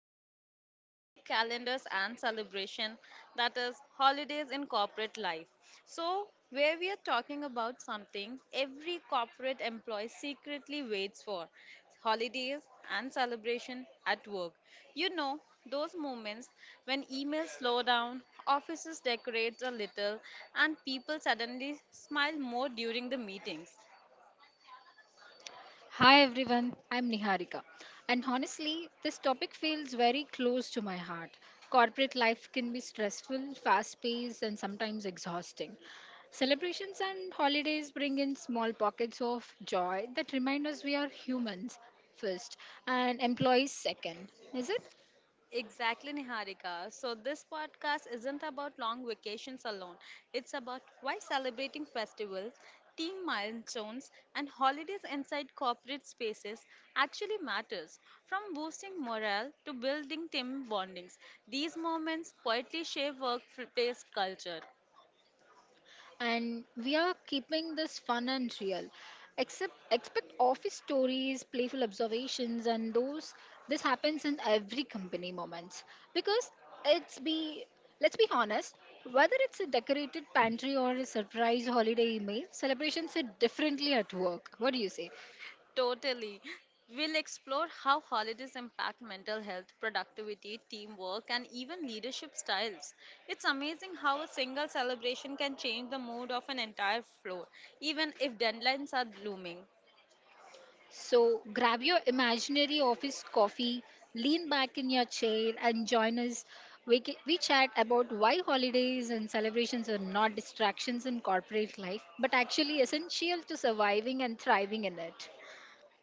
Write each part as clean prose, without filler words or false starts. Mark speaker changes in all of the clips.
Speaker 1: that is Coffee, Calendars and Celebration, that is holidays in corporate life. So, where we are talking about something every corporate employee secretly waits for: holidays and celebration at work. You know, those moments when emails slow down, offices decorate a little, and people suddenly smile more during the meetings.
Speaker 2: Hi everyone, I'm Niharika. And honestly, this topic feels very close to my heart. Corporate life can be stressful, fast paced, and sometimes exhausting. Celebrations and holidays bring in small pockets of joy that remind us we are humans first and employees second, is it?
Speaker 1: Exactly, Niharika. So, this podcast isn't about long vacations alone. It's about why celebrating festivals, team milestones, and holidays inside corporate spaces actually matters. From boosting morale to building team bondings, these moments quietly shape workplace culture.
Speaker 2: And we are keeping this fun and real. Except expect office stories, playful observations, and those this happens in every company moments because it's be let's be honest, whether it's a decorated pantry or a surprise holiday email, celebrations hit differently at work. What do you say?
Speaker 1: Totally. We'll explore how holidays impact mental health, productivity, teamwork, and even leadership styles. It's amazing how a single celebration can change the mood of an entire floor, even if deadlines are looming.
Speaker 2: So grab your imaginary office coffee, lean back in your chair, and join us. We chat about why holidays and celebrations are not distractions in corporate life, but actually essential to surviving and thriving in it.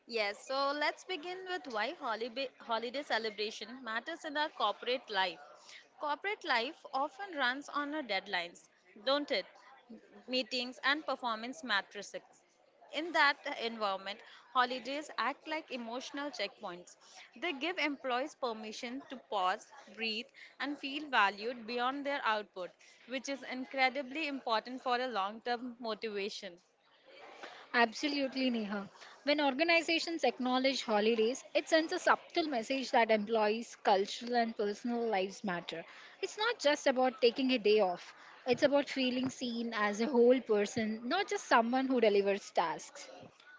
Speaker 1: Yes, so let's begin with why holiday celebration matters in our corporate life. Corporate life often runs on our deadlines, don't it? Meetings and performance matrices. In that environment, holidays act like emotional checkpoints. They give employees permission to pause, breathe, and feel valued beyond their output, which is incredibly important for a long term motivation.
Speaker 2: Absolutely, Neha. When organizations acknowledge holidays, it sends a subtle message that employees' cultural and personal lives matter. It's not just about taking a day off, it's about feeling seen as a whole person, not just someone who delivers tasks.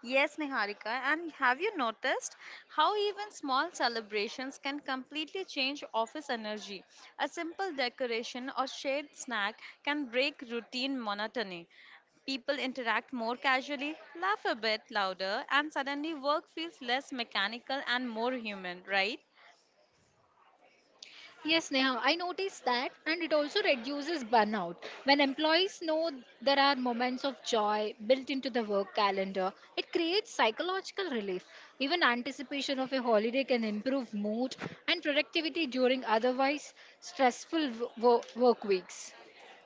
Speaker 1: Yes, Niharika. And have you noticed how even small celebrations can completely change office energy? A simple decoration or shared snack can break routine monotony. People interact more casually, laugh a bit louder, and suddenly work feels less mechanical and more human, right?
Speaker 2: Yes, Neha, I noticed that, and it also reduces burnout. When employees know there are moments of joy built into the work calendar, it creates psychological relief. Even anticipation of a holiday can improve mood and productivity during otherwise stressful work weeks.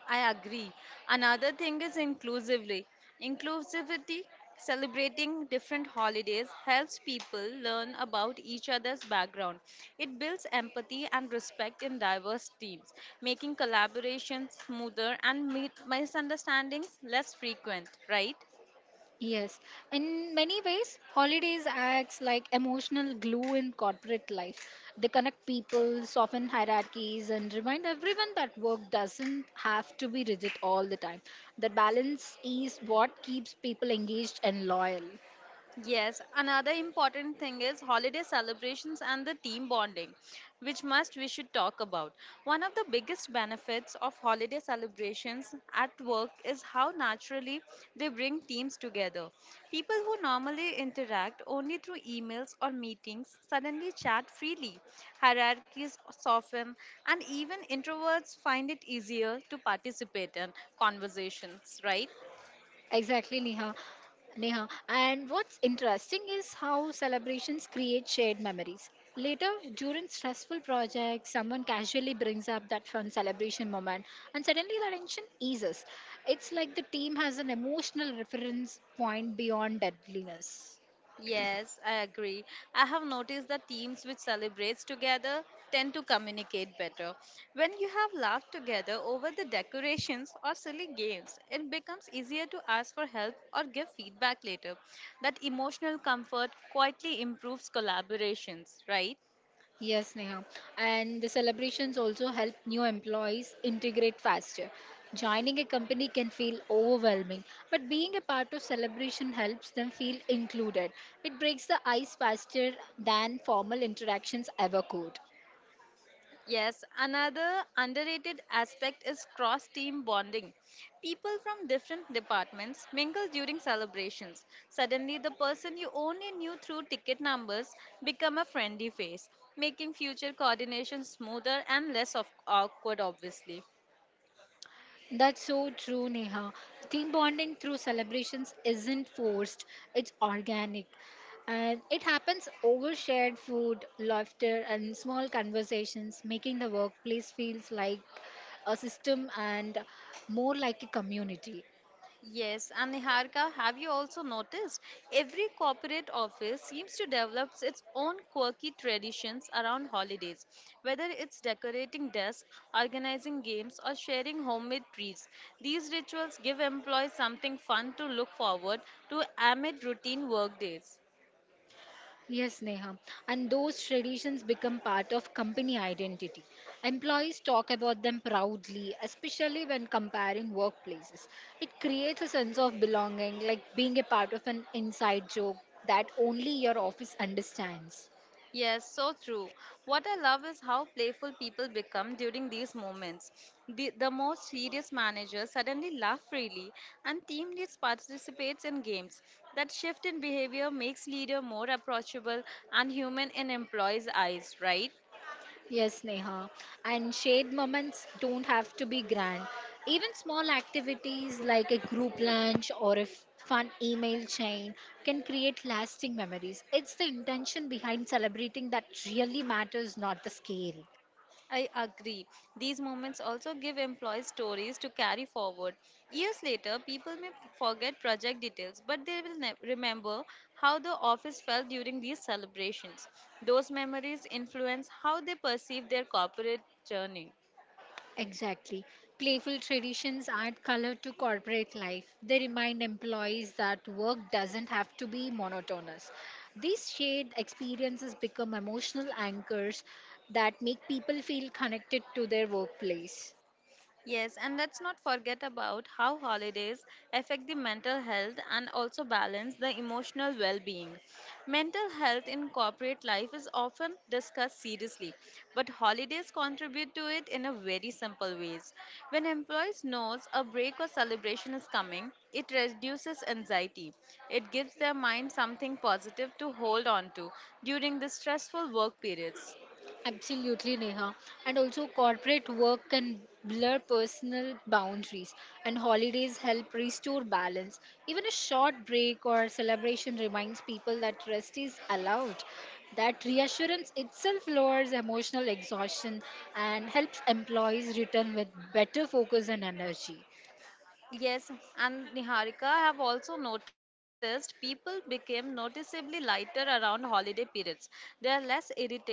Speaker 1: I agree. Another thing is inclusively. Inclusivity, celebrating different holidays, helps people learn about each other's background. It builds empathy and respect in diverse teams, making collaboration smoother and misunderstandings less frequent, right?
Speaker 2: Yes, in many ways, holidays acts like emotional glue in corporate life. They connect people, soften hierarchies, and remind everyone that work doesn't have to be rigid all the time. That balance is what keeps people engaged and loyal.
Speaker 1: Yes, another important thing is holiday celebrations and the team bonding, which must we should talk about. One of the biggest benefits of holiday celebrations at work is how naturally they bring teams together. People who normally interact only through emails or meetings suddenly chat freely. Hierarchies soften and even introverts find it easier to participate in conversations, right?
Speaker 2: Exactly, Neha. Neha. And what's interesting is how celebrations create shared memories. Later, during stressful projects, someone casually brings up that fun celebration moment, and suddenly the tension eases. It's like the team has an emotional reference point beyond deadliness.
Speaker 1: Yes, I agree. I have noticed that teams which celebrates together tend to communicate better. When you have laughed together over the decorations or silly games, it becomes easier to ask for help or give feedback later. That emotional comfort quietly improves collaborations, right?
Speaker 2: Yes, Neha. And the celebrations also help new employees integrate faster. Joining a company can feel overwhelming, but being a part of celebration helps them feel included. It breaks the ice faster than formal interactions ever could.
Speaker 1: Yes, another underrated aspect is cross team bonding. People from different departments mingle during celebrations. Suddenly, the person you only knew through ticket numbers become a friendly face, making future coordination smoother and less of awkward obviously.
Speaker 2: That's so true, Neha. Team bonding through celebrations isn't forced, it's organic. And it happens over shared food, laughter, and small conversations, making the workplace feels like a system and more like a community.
Speaker 1: Yes, and Niharika, have you also noticed every corporate office seems to develop its own quirky traditions around holidays, whether it's decorating desks, organizing games, or sharing homemade treats. These rituals give employees something fun to look forward to amid routine work days.
Speaker 2: Yes, Neha. And those traditions become part of company identity. Employees talk about them proudly, especially when comparing workplaces. It creates a sense of belonging, like being a part of an inside joke that only your office understands.
Speaker 1: Yes, so true. What I love is how playful people become during these moments. The most serious managers suddenly laugh freely, and team leads participates in games. That shift in behavior makes leader more approachable and human in employees' eyes, right?
Speaker 2: Yes, Neha. And shared moments don't have to be grand. Even small activities like a group lunch or a fun email chain can create lasting memories. It's the intention behind celebrating that really matters, not the scale.
Speaker 1: I agree. These moments also give employees stories to carry forward. Years later, people may forget project details, but they will remember how the office felt during these celebrations. Those memories influence how they perceive their corporate journey.
Speaker 2: Exactly. Playful traditions add color to corporate life. They remind employees that work doesn't have to be monotonous. These shared experiences become emotional anchors that make people feel connected to their workplace.
Speaker 1: Yes, and let's not forget about how holidays affect the mental health and also balance the emotional well being. Mental health in corporate life is often discussed seriously, but holidays contribute to it in a very simple ways. When employees knows a break or celebration is coming, it reduces anxiety. It gives their mind something positive to hold on to during the stressful work periods.
Speaker 2: Absolutely, Neha. And also, corporate work can blur personal boundaries, and holidays help restore balance. Even a short break or celebration reminds people that rest is allowed. That reassurance itself lowers emotional exhaustion and helps employees return with better focus and energy.
Speaker 1: Yes, and Niharika, I have also noticed people became noticeably lighter around holiday periods. There are less irritable,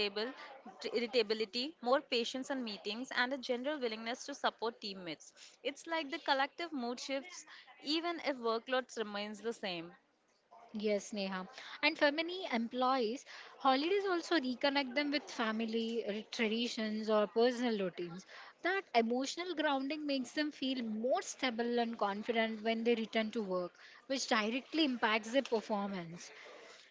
Speaker 1: irritability, more patience in meetings, and a general willingness to support teammates. It's like the collective mood shifts, even if workloads remains the same.
Speaker 2: Yes, Neha. And for many employees, holidays also reconnect them with family traditions or personal routines. That emotional grounding makes them feel more stable and confident when they return to work, which directly impacts their performance.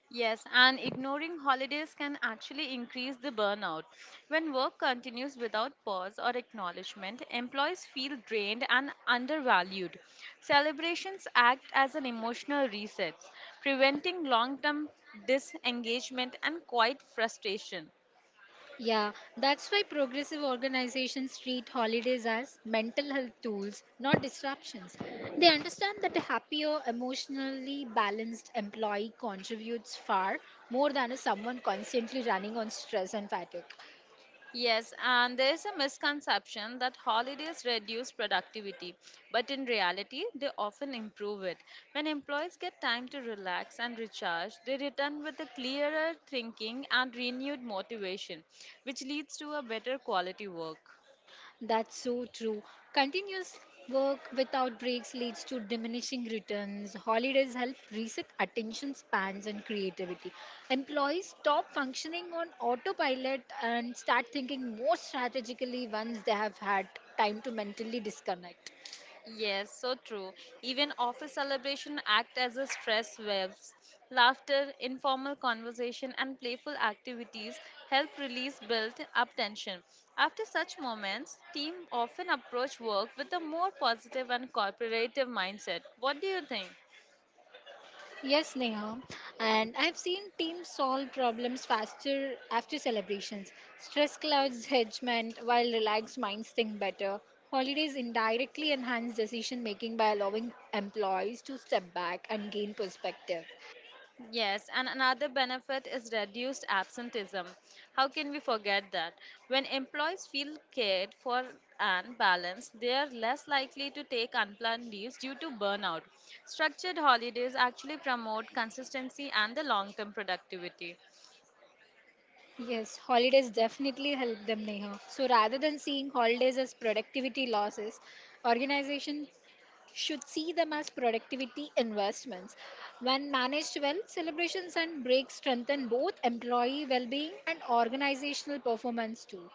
Speaker 1: Yes, and ignoring holidays can actually increase the burnout. When work continues without pause or acknowledgement, employees feel drained and undervalued. Celebrations act as an emotional reset, preventing long term disengagement and quiet frustration.
Speaker 2: Yeah, that's why progressive organizations treat holidays as mental health tools, not disruptions. They understand that a happier, emotionally balanced employee contributes far more than someone constantly running on stress and fatigue.
Speaker 1: Yes, and there is a misconception that holidays reduce productivity, but in reality, they often improve it. When employees get time to relax and recharge, they return with a clearer thinking and renewed motivation, which leads to a better quality work.
Speaker 2: That's so true. Continuous work without breaks leads to diminishing returns. Holidays help reset attention spans and creativity. Employees stop functioning on autopilot and start thinking more strategically once they have had time to mentally disconnect.
Speaker 1: Yes, so true. Even office celebration act as a stress waves. Laughter, informal conversation, and playful activities help release built up tension. After such moments, team often approach work with a more positive and cooperative mindset. What do you think?
Speaker 2: Yes, Neha. And I've seen teams solve problems faster after celebrations. Stress clouds judgment, while relaxed minds think better. Holidays indirectly enhance decision making by allowing employees to step back and gain perspective.
Speaker 1: Yes, and another benefit is reduced absenteeism. How can we forget that? When employees feel cared for and balanced, they are less likely to take unplanned leaves due to burnout. Structured holidays actually promote consistency and the long term productivity.
Speaker 2: Yes, holidays definitely help them, Neha. So rather than seeing holidays as productivity losses, organizations should see them as productivity investments. When managed well, celebrations and breaks strengthen both employee well being and organizational performance too.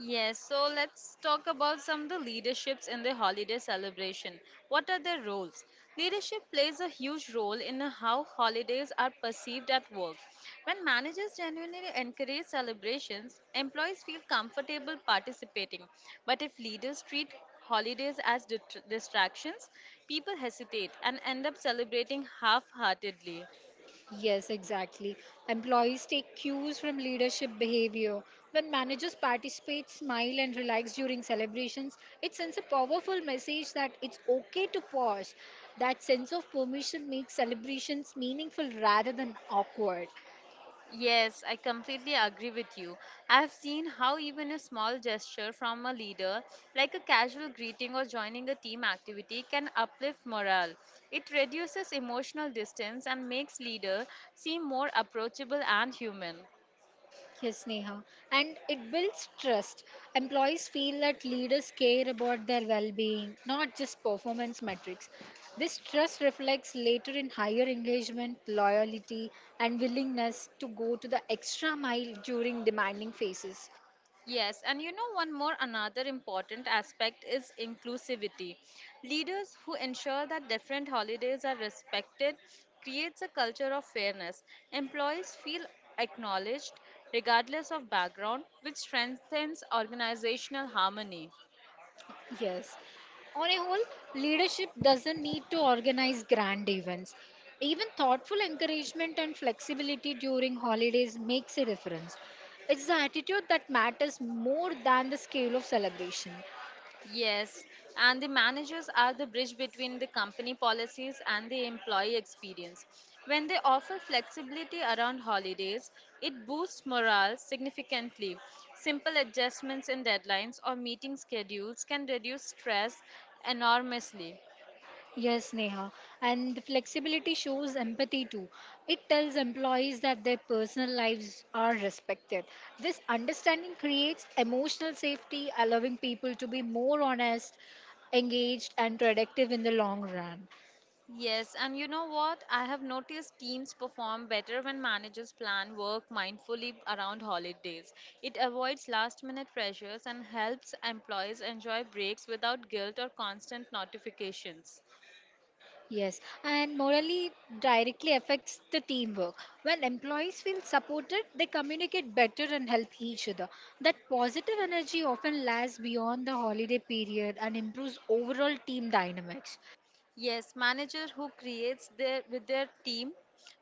Speaker 1: Yes, so let's talk about some of the leaderships in the holiday celebration. What are their roles? Leadership plays a huge role in how holidays are perceived at work. When managers genuinely encourage celebrations, employees feel comfortable participating. But if leaders treat holidays as distractions, people hesitate and end up celebrating half heartedly.
Speaker 2: Yes, exactly. Employees take cues from leadership behavior. When managers participate, smile, and relax during celebrations, it sends a powerful message that it's okay to pause. That sense of permission makes celebrations meaningful rather than awkward.
Speaker 1: Yes, I completely agree with you. I've seen how even a small gesture from a leader, like a casual greeting or joining a team activity, can uplift morale. It reduces emotional distance and makes leader seem more approachable and human.
Speaker 2: Yes, Neha. And it builds trust. Employees feel that leaders care about their well being, not just performance metrics. This trust reflects later in higher engagement, loyalty, and willingness to go to the extra mile during demanding phases.
Speaker 1: Yes, and you know, one more another important aspect is inclusivity. Leaders who ensure that different holidays are respected creates a culture of fairness. Employees feel acknowledged regardless of background, which strengthens organizational harmony.
Speaker 2: Yes. On a whole, leadership doesn't need to organize grand events. Even thoughtful encouragement and flexibility during holidays makes a difference. It's the attitude that matters more than the scale of celebration.
Speaker 1: Yes, and the managers are the bridge between the company policies and the employee experience. When they offer flexibility around holidays, it boosts morale significantly. Simple adjustments in deadlines or meeting schedules can reduce stress enormously.
Speaker 2: Yes, Neha. And the flexibility shows empathy too. It tells employees that their personal lives are respected. This understanding creates emotional safety, allowing people to be more honest, engaged, and productive in the long run.
Speaker 1: Yes, and you know what? I have noticed teams perform better when managers plan work mindfully around holidays. It avoids last minute pressures and helps employees enjoy breaks without guilt or constant notifications.
Speaker 2: Yes, and morally directly affects the teamwork. When employees feel supported, they communicate better and help each other. That positive energy often lasts beyond the holiday period and improves overall team dynamics.
Speaker 1: Yes, manager who creates their with their team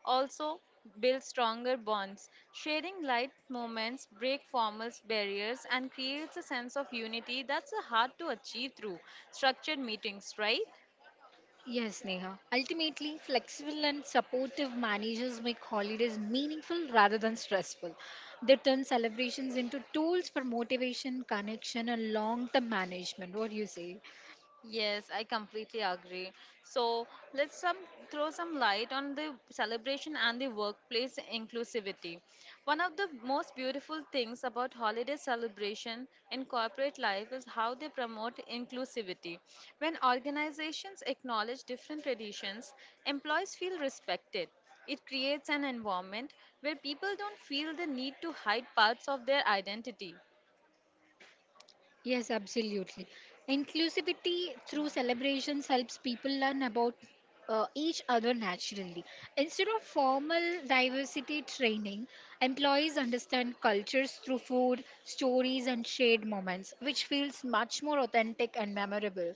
Speaker 1: also builds stronger bonds. Sharing light moments break formal barriers and creates a sense of unity that's hard to achieve through structured meetings, right?
Speaker 2: Yes, Neha. Ultimately, flexible and supportive managers make holidays meaningful rather than stressful. They turn celebrations into tools for motivation, connection, and long term management. What do you say?
Speaker 1: Yes, I completely agree. So let's some throw some light on the celebration and the workplace inclusivity. One of the most beautiful things about holiday celebration in corporate life is how they promote inclusivity. When organizations acknowledge different traditions, employees feel respected. It creates an environment where people don't feel the need to hide parts of their identity.
Speaker 2: Yes, absolutely. Inclusivity through celebrations helps people learn about each other naturally. Instead of formal diversity training, employees understand cultures through food, stories, and shared moments, which feels much more authentic and memorable.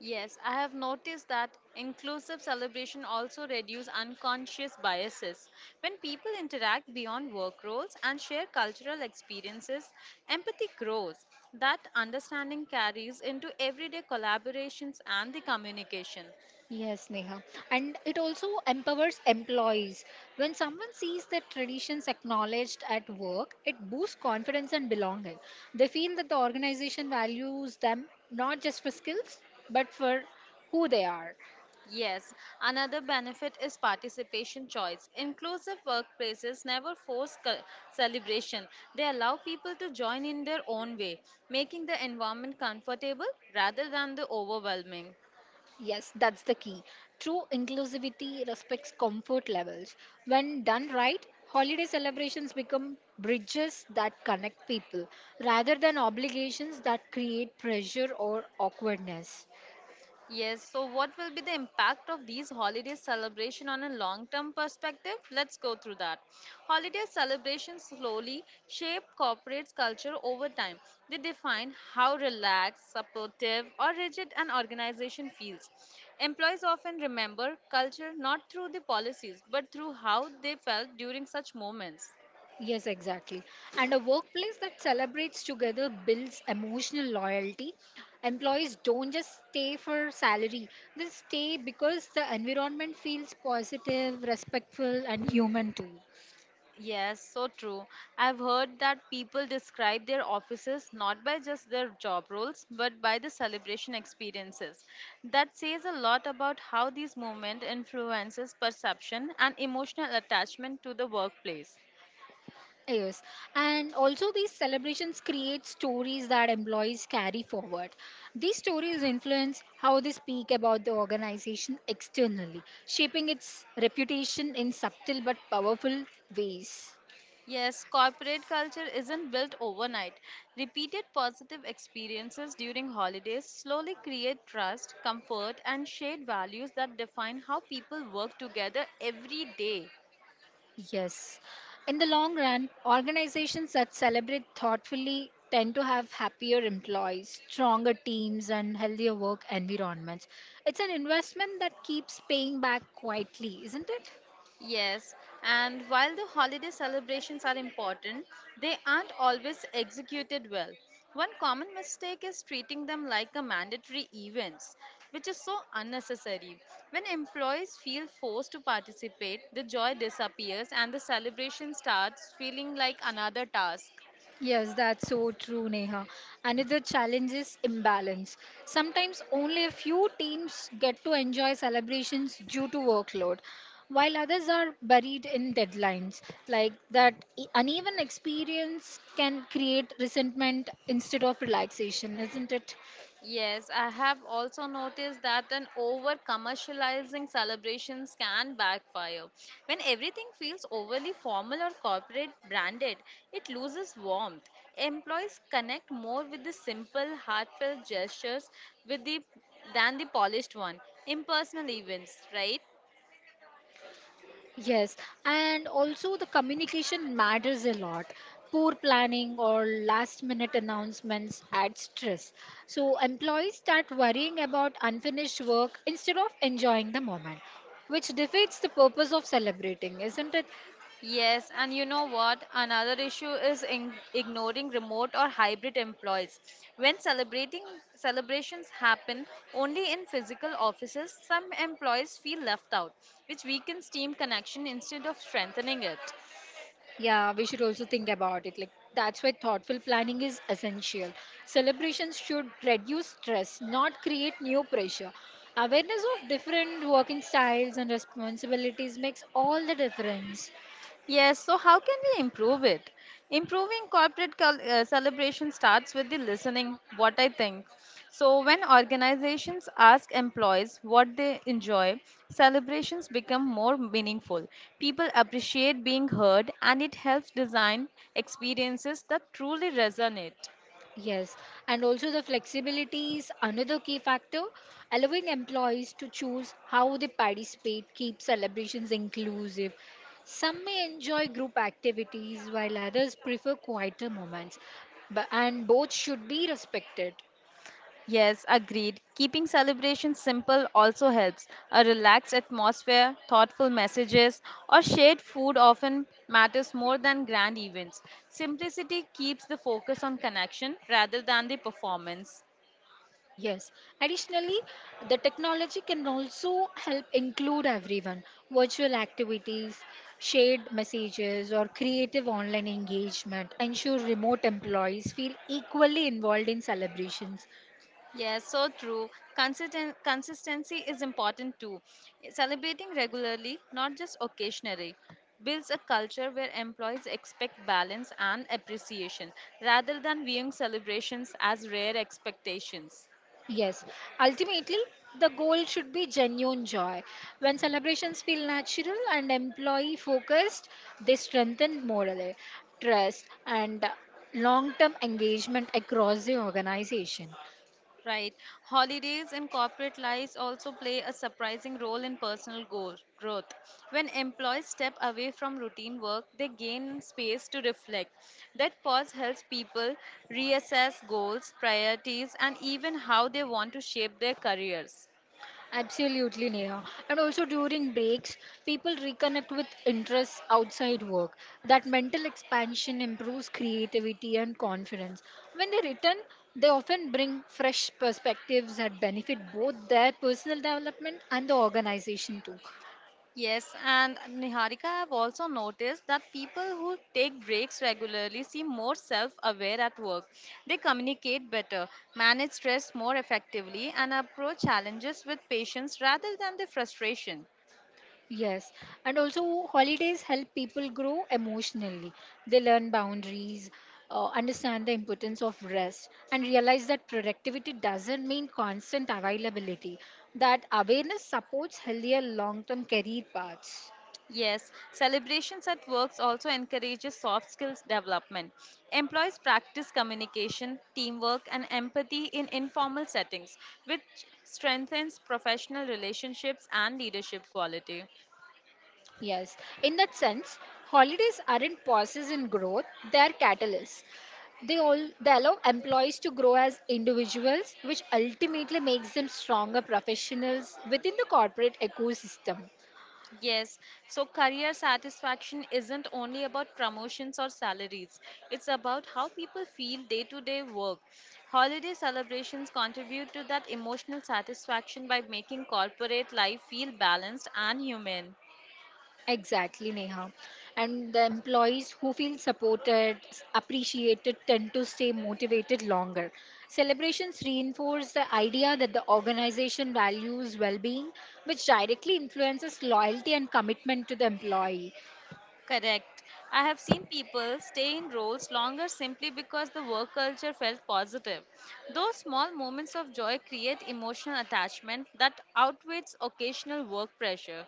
Speaker 1: Yes, I have noticed that inclusive celebration also reduce unconscious biases. When people interact beyond work roles and share cultural experiences, empathy grows. That understanding carries into everyday collaborations and the communication.
Speaker 2: Yes, Neha. And it also empowers employees. When someone sees their traditions acknowledged at work, it boosts confidence and belonging. They feel that the organization values them not just for skills, but for who they are.
Speaker 1: Yes, another benefit is participation choice. Inclusive workplaces never force celebration. They allow people to join in their own way, making the environment comfortable rather than the overwhelming.
Speaker 2: Yes, that's the key. True inclusivity respects comfort levels. When done right, holiday celebrations become bridges that connect people rather than obligations that create pressure or awkwardness.
Speaker 1: Yes, so what will be the impact of these holiday celebration on a long-term perspective? Let's go through that. Holiday celebrations slowly shape corporate culture over time. They define how relaxed, supportive, or rigid an organization feels. Employees often remember culture not through the policies, but through how they felt during such moments.
Speaker 2: Yes, exactly. And a workplace that celebrates together builds emotional loyalty. Employees don't just stay for salary, they stay because the environment feels positive, respectful, and human too.
Speaker 1: Yes, so true. I've heard that people describe their offices not by just their job roles, but by the celebration experiences. That says a lot about how these movement influences perception and emotional attachment to the workplace.
Speaker 2: Yes, and also these celebrations create stories that employees carry forward. These stories influence how they speak about the organization externally, shaping its reputation in subtle but powerful ways.
Speaker 1: Yes, corporate culture isn't built overnight. Repeated positive experiences during holidays slowly create trust, comfort, and shared values that define how people work together every day.
Speaker 2: Yes. In the long run, organizations that celebrate thoughtfully tend to have happier employees, stronger teams, and healthier work environments. It's an investment that keeps paying back quietly, isn't it?
Speaker 1: Yes, and while the holiday celebrations are important, they aren't always executed well. One common mistake is treating them like a mandatory events, which is so unnecessary. When employees feel forced to participate, the joy disappears and the celebration starts feeling like another task.
Speaker 2: Yes, that's so true, Neha. Another challenge is imbalance. Sometimes only a few teams get to enjoy celebrations due to workload, while others are buried in deadlines. Like that uneven experience can create resentment instead of relaxation, isn't it?
Speaker 1: Yes, I have also noticed that an over commercializing celebrations can backfire. When everything feels overly formal or corporate branded, it loses warmth. Employees connect more with the simple, heartfelt gestures with the than the polished one Impersonal events, right?
Speaker 2: Yes, and also the communication matters a lot. Poor planning or last minute announcements add stress. So employees start worrying about unfinished work instead of enjoying the moment, which defeats the purpose of celebrating, isn't it?
Speaker 1: Yes, and you know what? Another issue is in ignoring remote or hybrid employees. When celebrating celebrations happen only in physical offices, some employees feel left out, which weakens team connection instead of strengthening it.
Speaker 2: Yeah, we should also think about it. Like that's why thoughtful planning is essential. Celebrations should reduce stress, not create new pressure. Awareness of different working styles and responsibilities makes all the difference.
Speaker 1: Yes, so how can we improve it? Improving corporate celebration starts with the listening, what I think. So, when organizations ask employees what they enjoy, celebrations become more meaningful. People appreciate being heard, and it helps design experiences that truly resonate.
Speaker 2: Yes, and also the flexibility is another key factor, allowing employees to choose how they participate, keep celebrations inclusive. Some may enjoy group activities while others prefer quieter moments, but, and both should be respected.
Speaker 1: Yes, agreed. Keeping celebrations simple also helps. A relaxed atmosphere, thoughtful messages, or shared food often matters more than grand events. Simplicity keeps the focus on connection rather than the performance.
Speaker 2: Yes. Additionally, the technology can also help include everyone. Virtual activities, shared messages, or creative online engagement ensure remote employees feel equally involved in celebrations.
Speaker 1: Yes, so true. Consistency is important too. Celebrating regularly, not just occasionally, builds a culture where employees expect balance and appreciation rather than viewing celebrations as rare expectations.
Speaker 2: Yes. Ultimately, the goal should be genuine joy. When celebrations feel natural and employee focused, they strengthen morale, trust, and long term engagement across the organization.
Speaker 1: Right. Holidays and corporate lives also play a surprising role in personal goal, growth. When employees step away from routine work, they gain space to reflect. That pause helps people reassess goals, priorities, and even how they want to shape their careers.
Speaker 2: Absolutely, Neha. And also during breaks, people reconnect with interests outside work. That mental expansion improves creativity and confidence. When they return, they often bring fresh perspectives that benefit both their personal development and the organization too.
Speaker 1: Yes, and Niharika, I've also noticed that people who take breaks regularly seem more self aware at work. They communicate better, manage stress more effectively, and approach challenges with patience rather than the frustration.
Speaker 2: Yes, and also holidays help people grow emotionally. They learn boundaries, understand the importance of rest, and realize that productivity doesn't mean constant availability. That awareness supports healthier long term career paths.
Speaker 1: Yes, celebrations at works also encourages soft skills development. Employees practice communication, teamwork, and empathy in informal settings, which strengthens professional relationships and leadership quality.
Speaker 2: Yes, in that sense, holidays aren't pauses in growth, they are catalysts. They allow employees to grow as individuals, which ultimately makes them stronger professionals within the corporate ecosystem.
Speaker 1: Yes, so career satisfaction isn't only about promotions or salaries. It's about how people feel day to day work. Holiday celebrations contribute to that emotional satisfaction by making corporate life feel balanced and human.
Speaker 2: Exactly, Neha. And the employees who feel supported, appreciated, tend to stay motivated longer. Celebrations reinforce the idea that the organization values well being, which directly influences loyalty and commitment to the employee.
Speaker 1: Correct. I have seen people stay in roles longer simply because the work culture felt positive. Those small moments of joy create emotional attachment that outweighs occasional work pressure.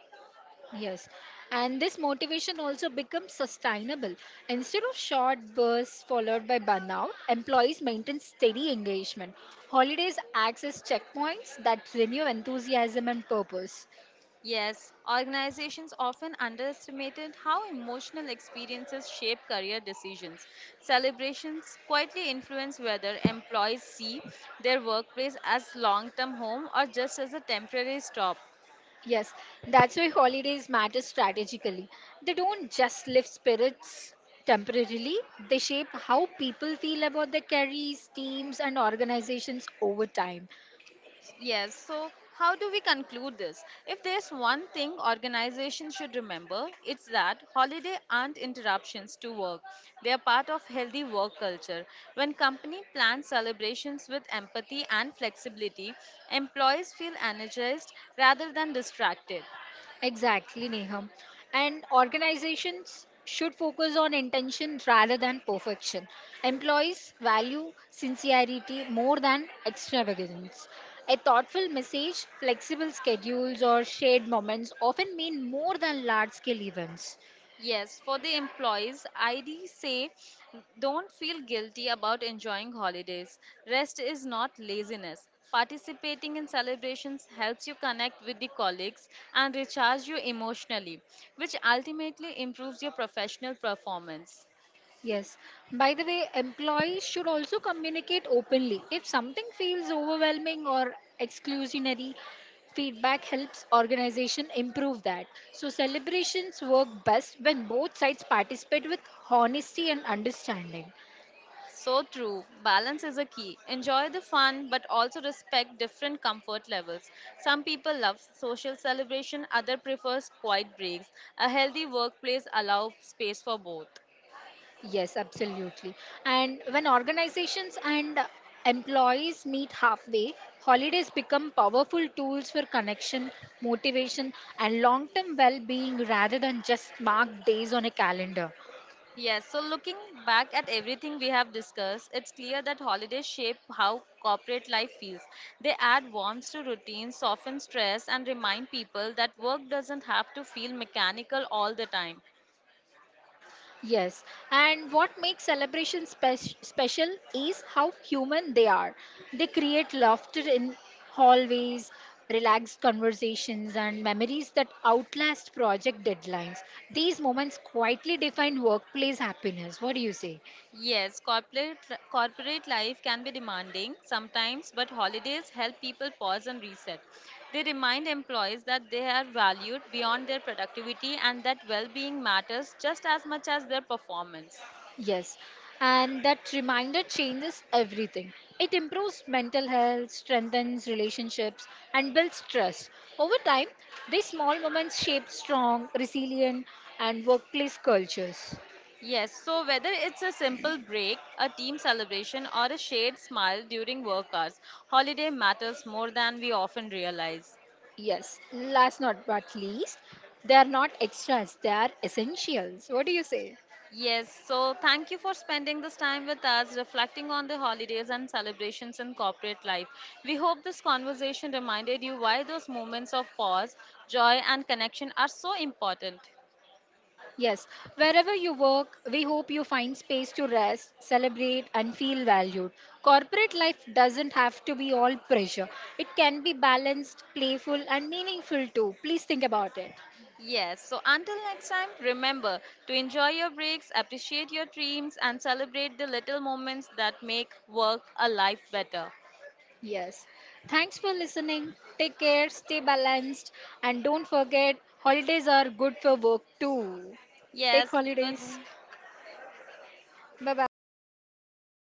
Speaker 2: Yes. And this motivation also becomes sustainable. Instead of short bursts followed by burnout, employees maintain steady engagement. Holidays acts as checkpoints that renew enthusiasm and purpose.
Speaker 1: Yes, organizations often underestimated how emotional experiences shape career decisions. Celebrations quietly influence whether employees see their workplace as long term home or just as a temporary stop.
Speaker 2: Yes, that's why holidays matter strategically. They don't just lift spirits temporarily, they shape how people feel about their careers, teams, and organizations over time.
Speaker 1: Yes, so how do we conclude this? If there's one thing organizations should remember, it's that holiday aren't interruptions to work. They are part of healthy work culture. When company plans celebrations with empathy and flexibility, employees feel energized rather than distracted.
Speaker 2: Exactly, Neham. And organizations should focus on intention rather than perfection. Employees value sincerity more than extravagance. A thoughtful message, flexible schedules, or shared moments often mean more than large scale events.
Speaker 1: Yes, for the employees, ID say don't feel guilty about enjoying holidays. Rest is not laziness. Participating in celebrations helps you connect with the colleagues and recharge you emotionally, which ultimately improves your professional performance.
Speaker 2: Yes. By the way, employees should also communicate openly. If something feels overwhelming or exclusionary, feedback helps organization improve that. So celebrations work best when both sides participate with honesty and understanding.
Speaker 1: So true. Balance is a key. Enjoy the fun, but also respect different comfort levels. Some people love social celebration, other prefers quiet breaks. A healthy workplace allows space for both.
Speaker 2: Yes, absolutely. And when organizations and employees meet halfway, holidays become powerful tools for connection, motivation, and long term well being rather than just marked days on a calendar.
Speaker 1: Yes, so looking back at everything we have discussed, it's clear that holidays shape how corporate life feels. They add warmth to routines, soften stress, and remind people that work doesn't have to feel mechanical all the time.
Speaker 2: Yes, and what makes celebrations special is how human they are. They create laughter in hallways, relaxed conversations, and memories that outlast project deadlines. These moments quietly define workplace happiness. What do you say?
Speaker 1: Yes, corporate life can be demanding sometimes, but holidays help people pause and reset. They remind employees that they are valued beyond their productivity and that well-being matters just as much as their performance.
Speaker 2: Yes, and that reminder changes everything. It improves mental health, strengthens relationships, and builds trust. Over time, these small moments shape strong, resilient, and workplace cultures.
Speaker 1: Yes, so whether it's a simple break, a team celebration, or a shared smile during work hours, holiday matters more than we often realize.
Speaker 2: Yes, last not but least, they are not extras, they are essentials. What do you say?
Speaker 1: Yes, so thank you for spending this time with us, reflecting on the holidays and celebrations in corporate life. We hope this conversation reminded you why those moments of pause, joy, and connection are so important.
Speaker 2: Yes, wherever you work, we hope you find space to rest, celebrate, and feel valued. Corporate life doesn't have to be all pressure, it can be balanced, playful, and meaningful too. Please think about it.
Speaker 1: Yes, so until next time, remember to enjoy your breaks, appreciate your dreams, and celebrate the little moments that make work a life better.
Speaker 2: Yes. Thanks for listening. Take care, stay balanced, and don't forget holidays are good for work too. Take
Speaker 1: Yes, good.
Speaker 2: holidays. Bye bye.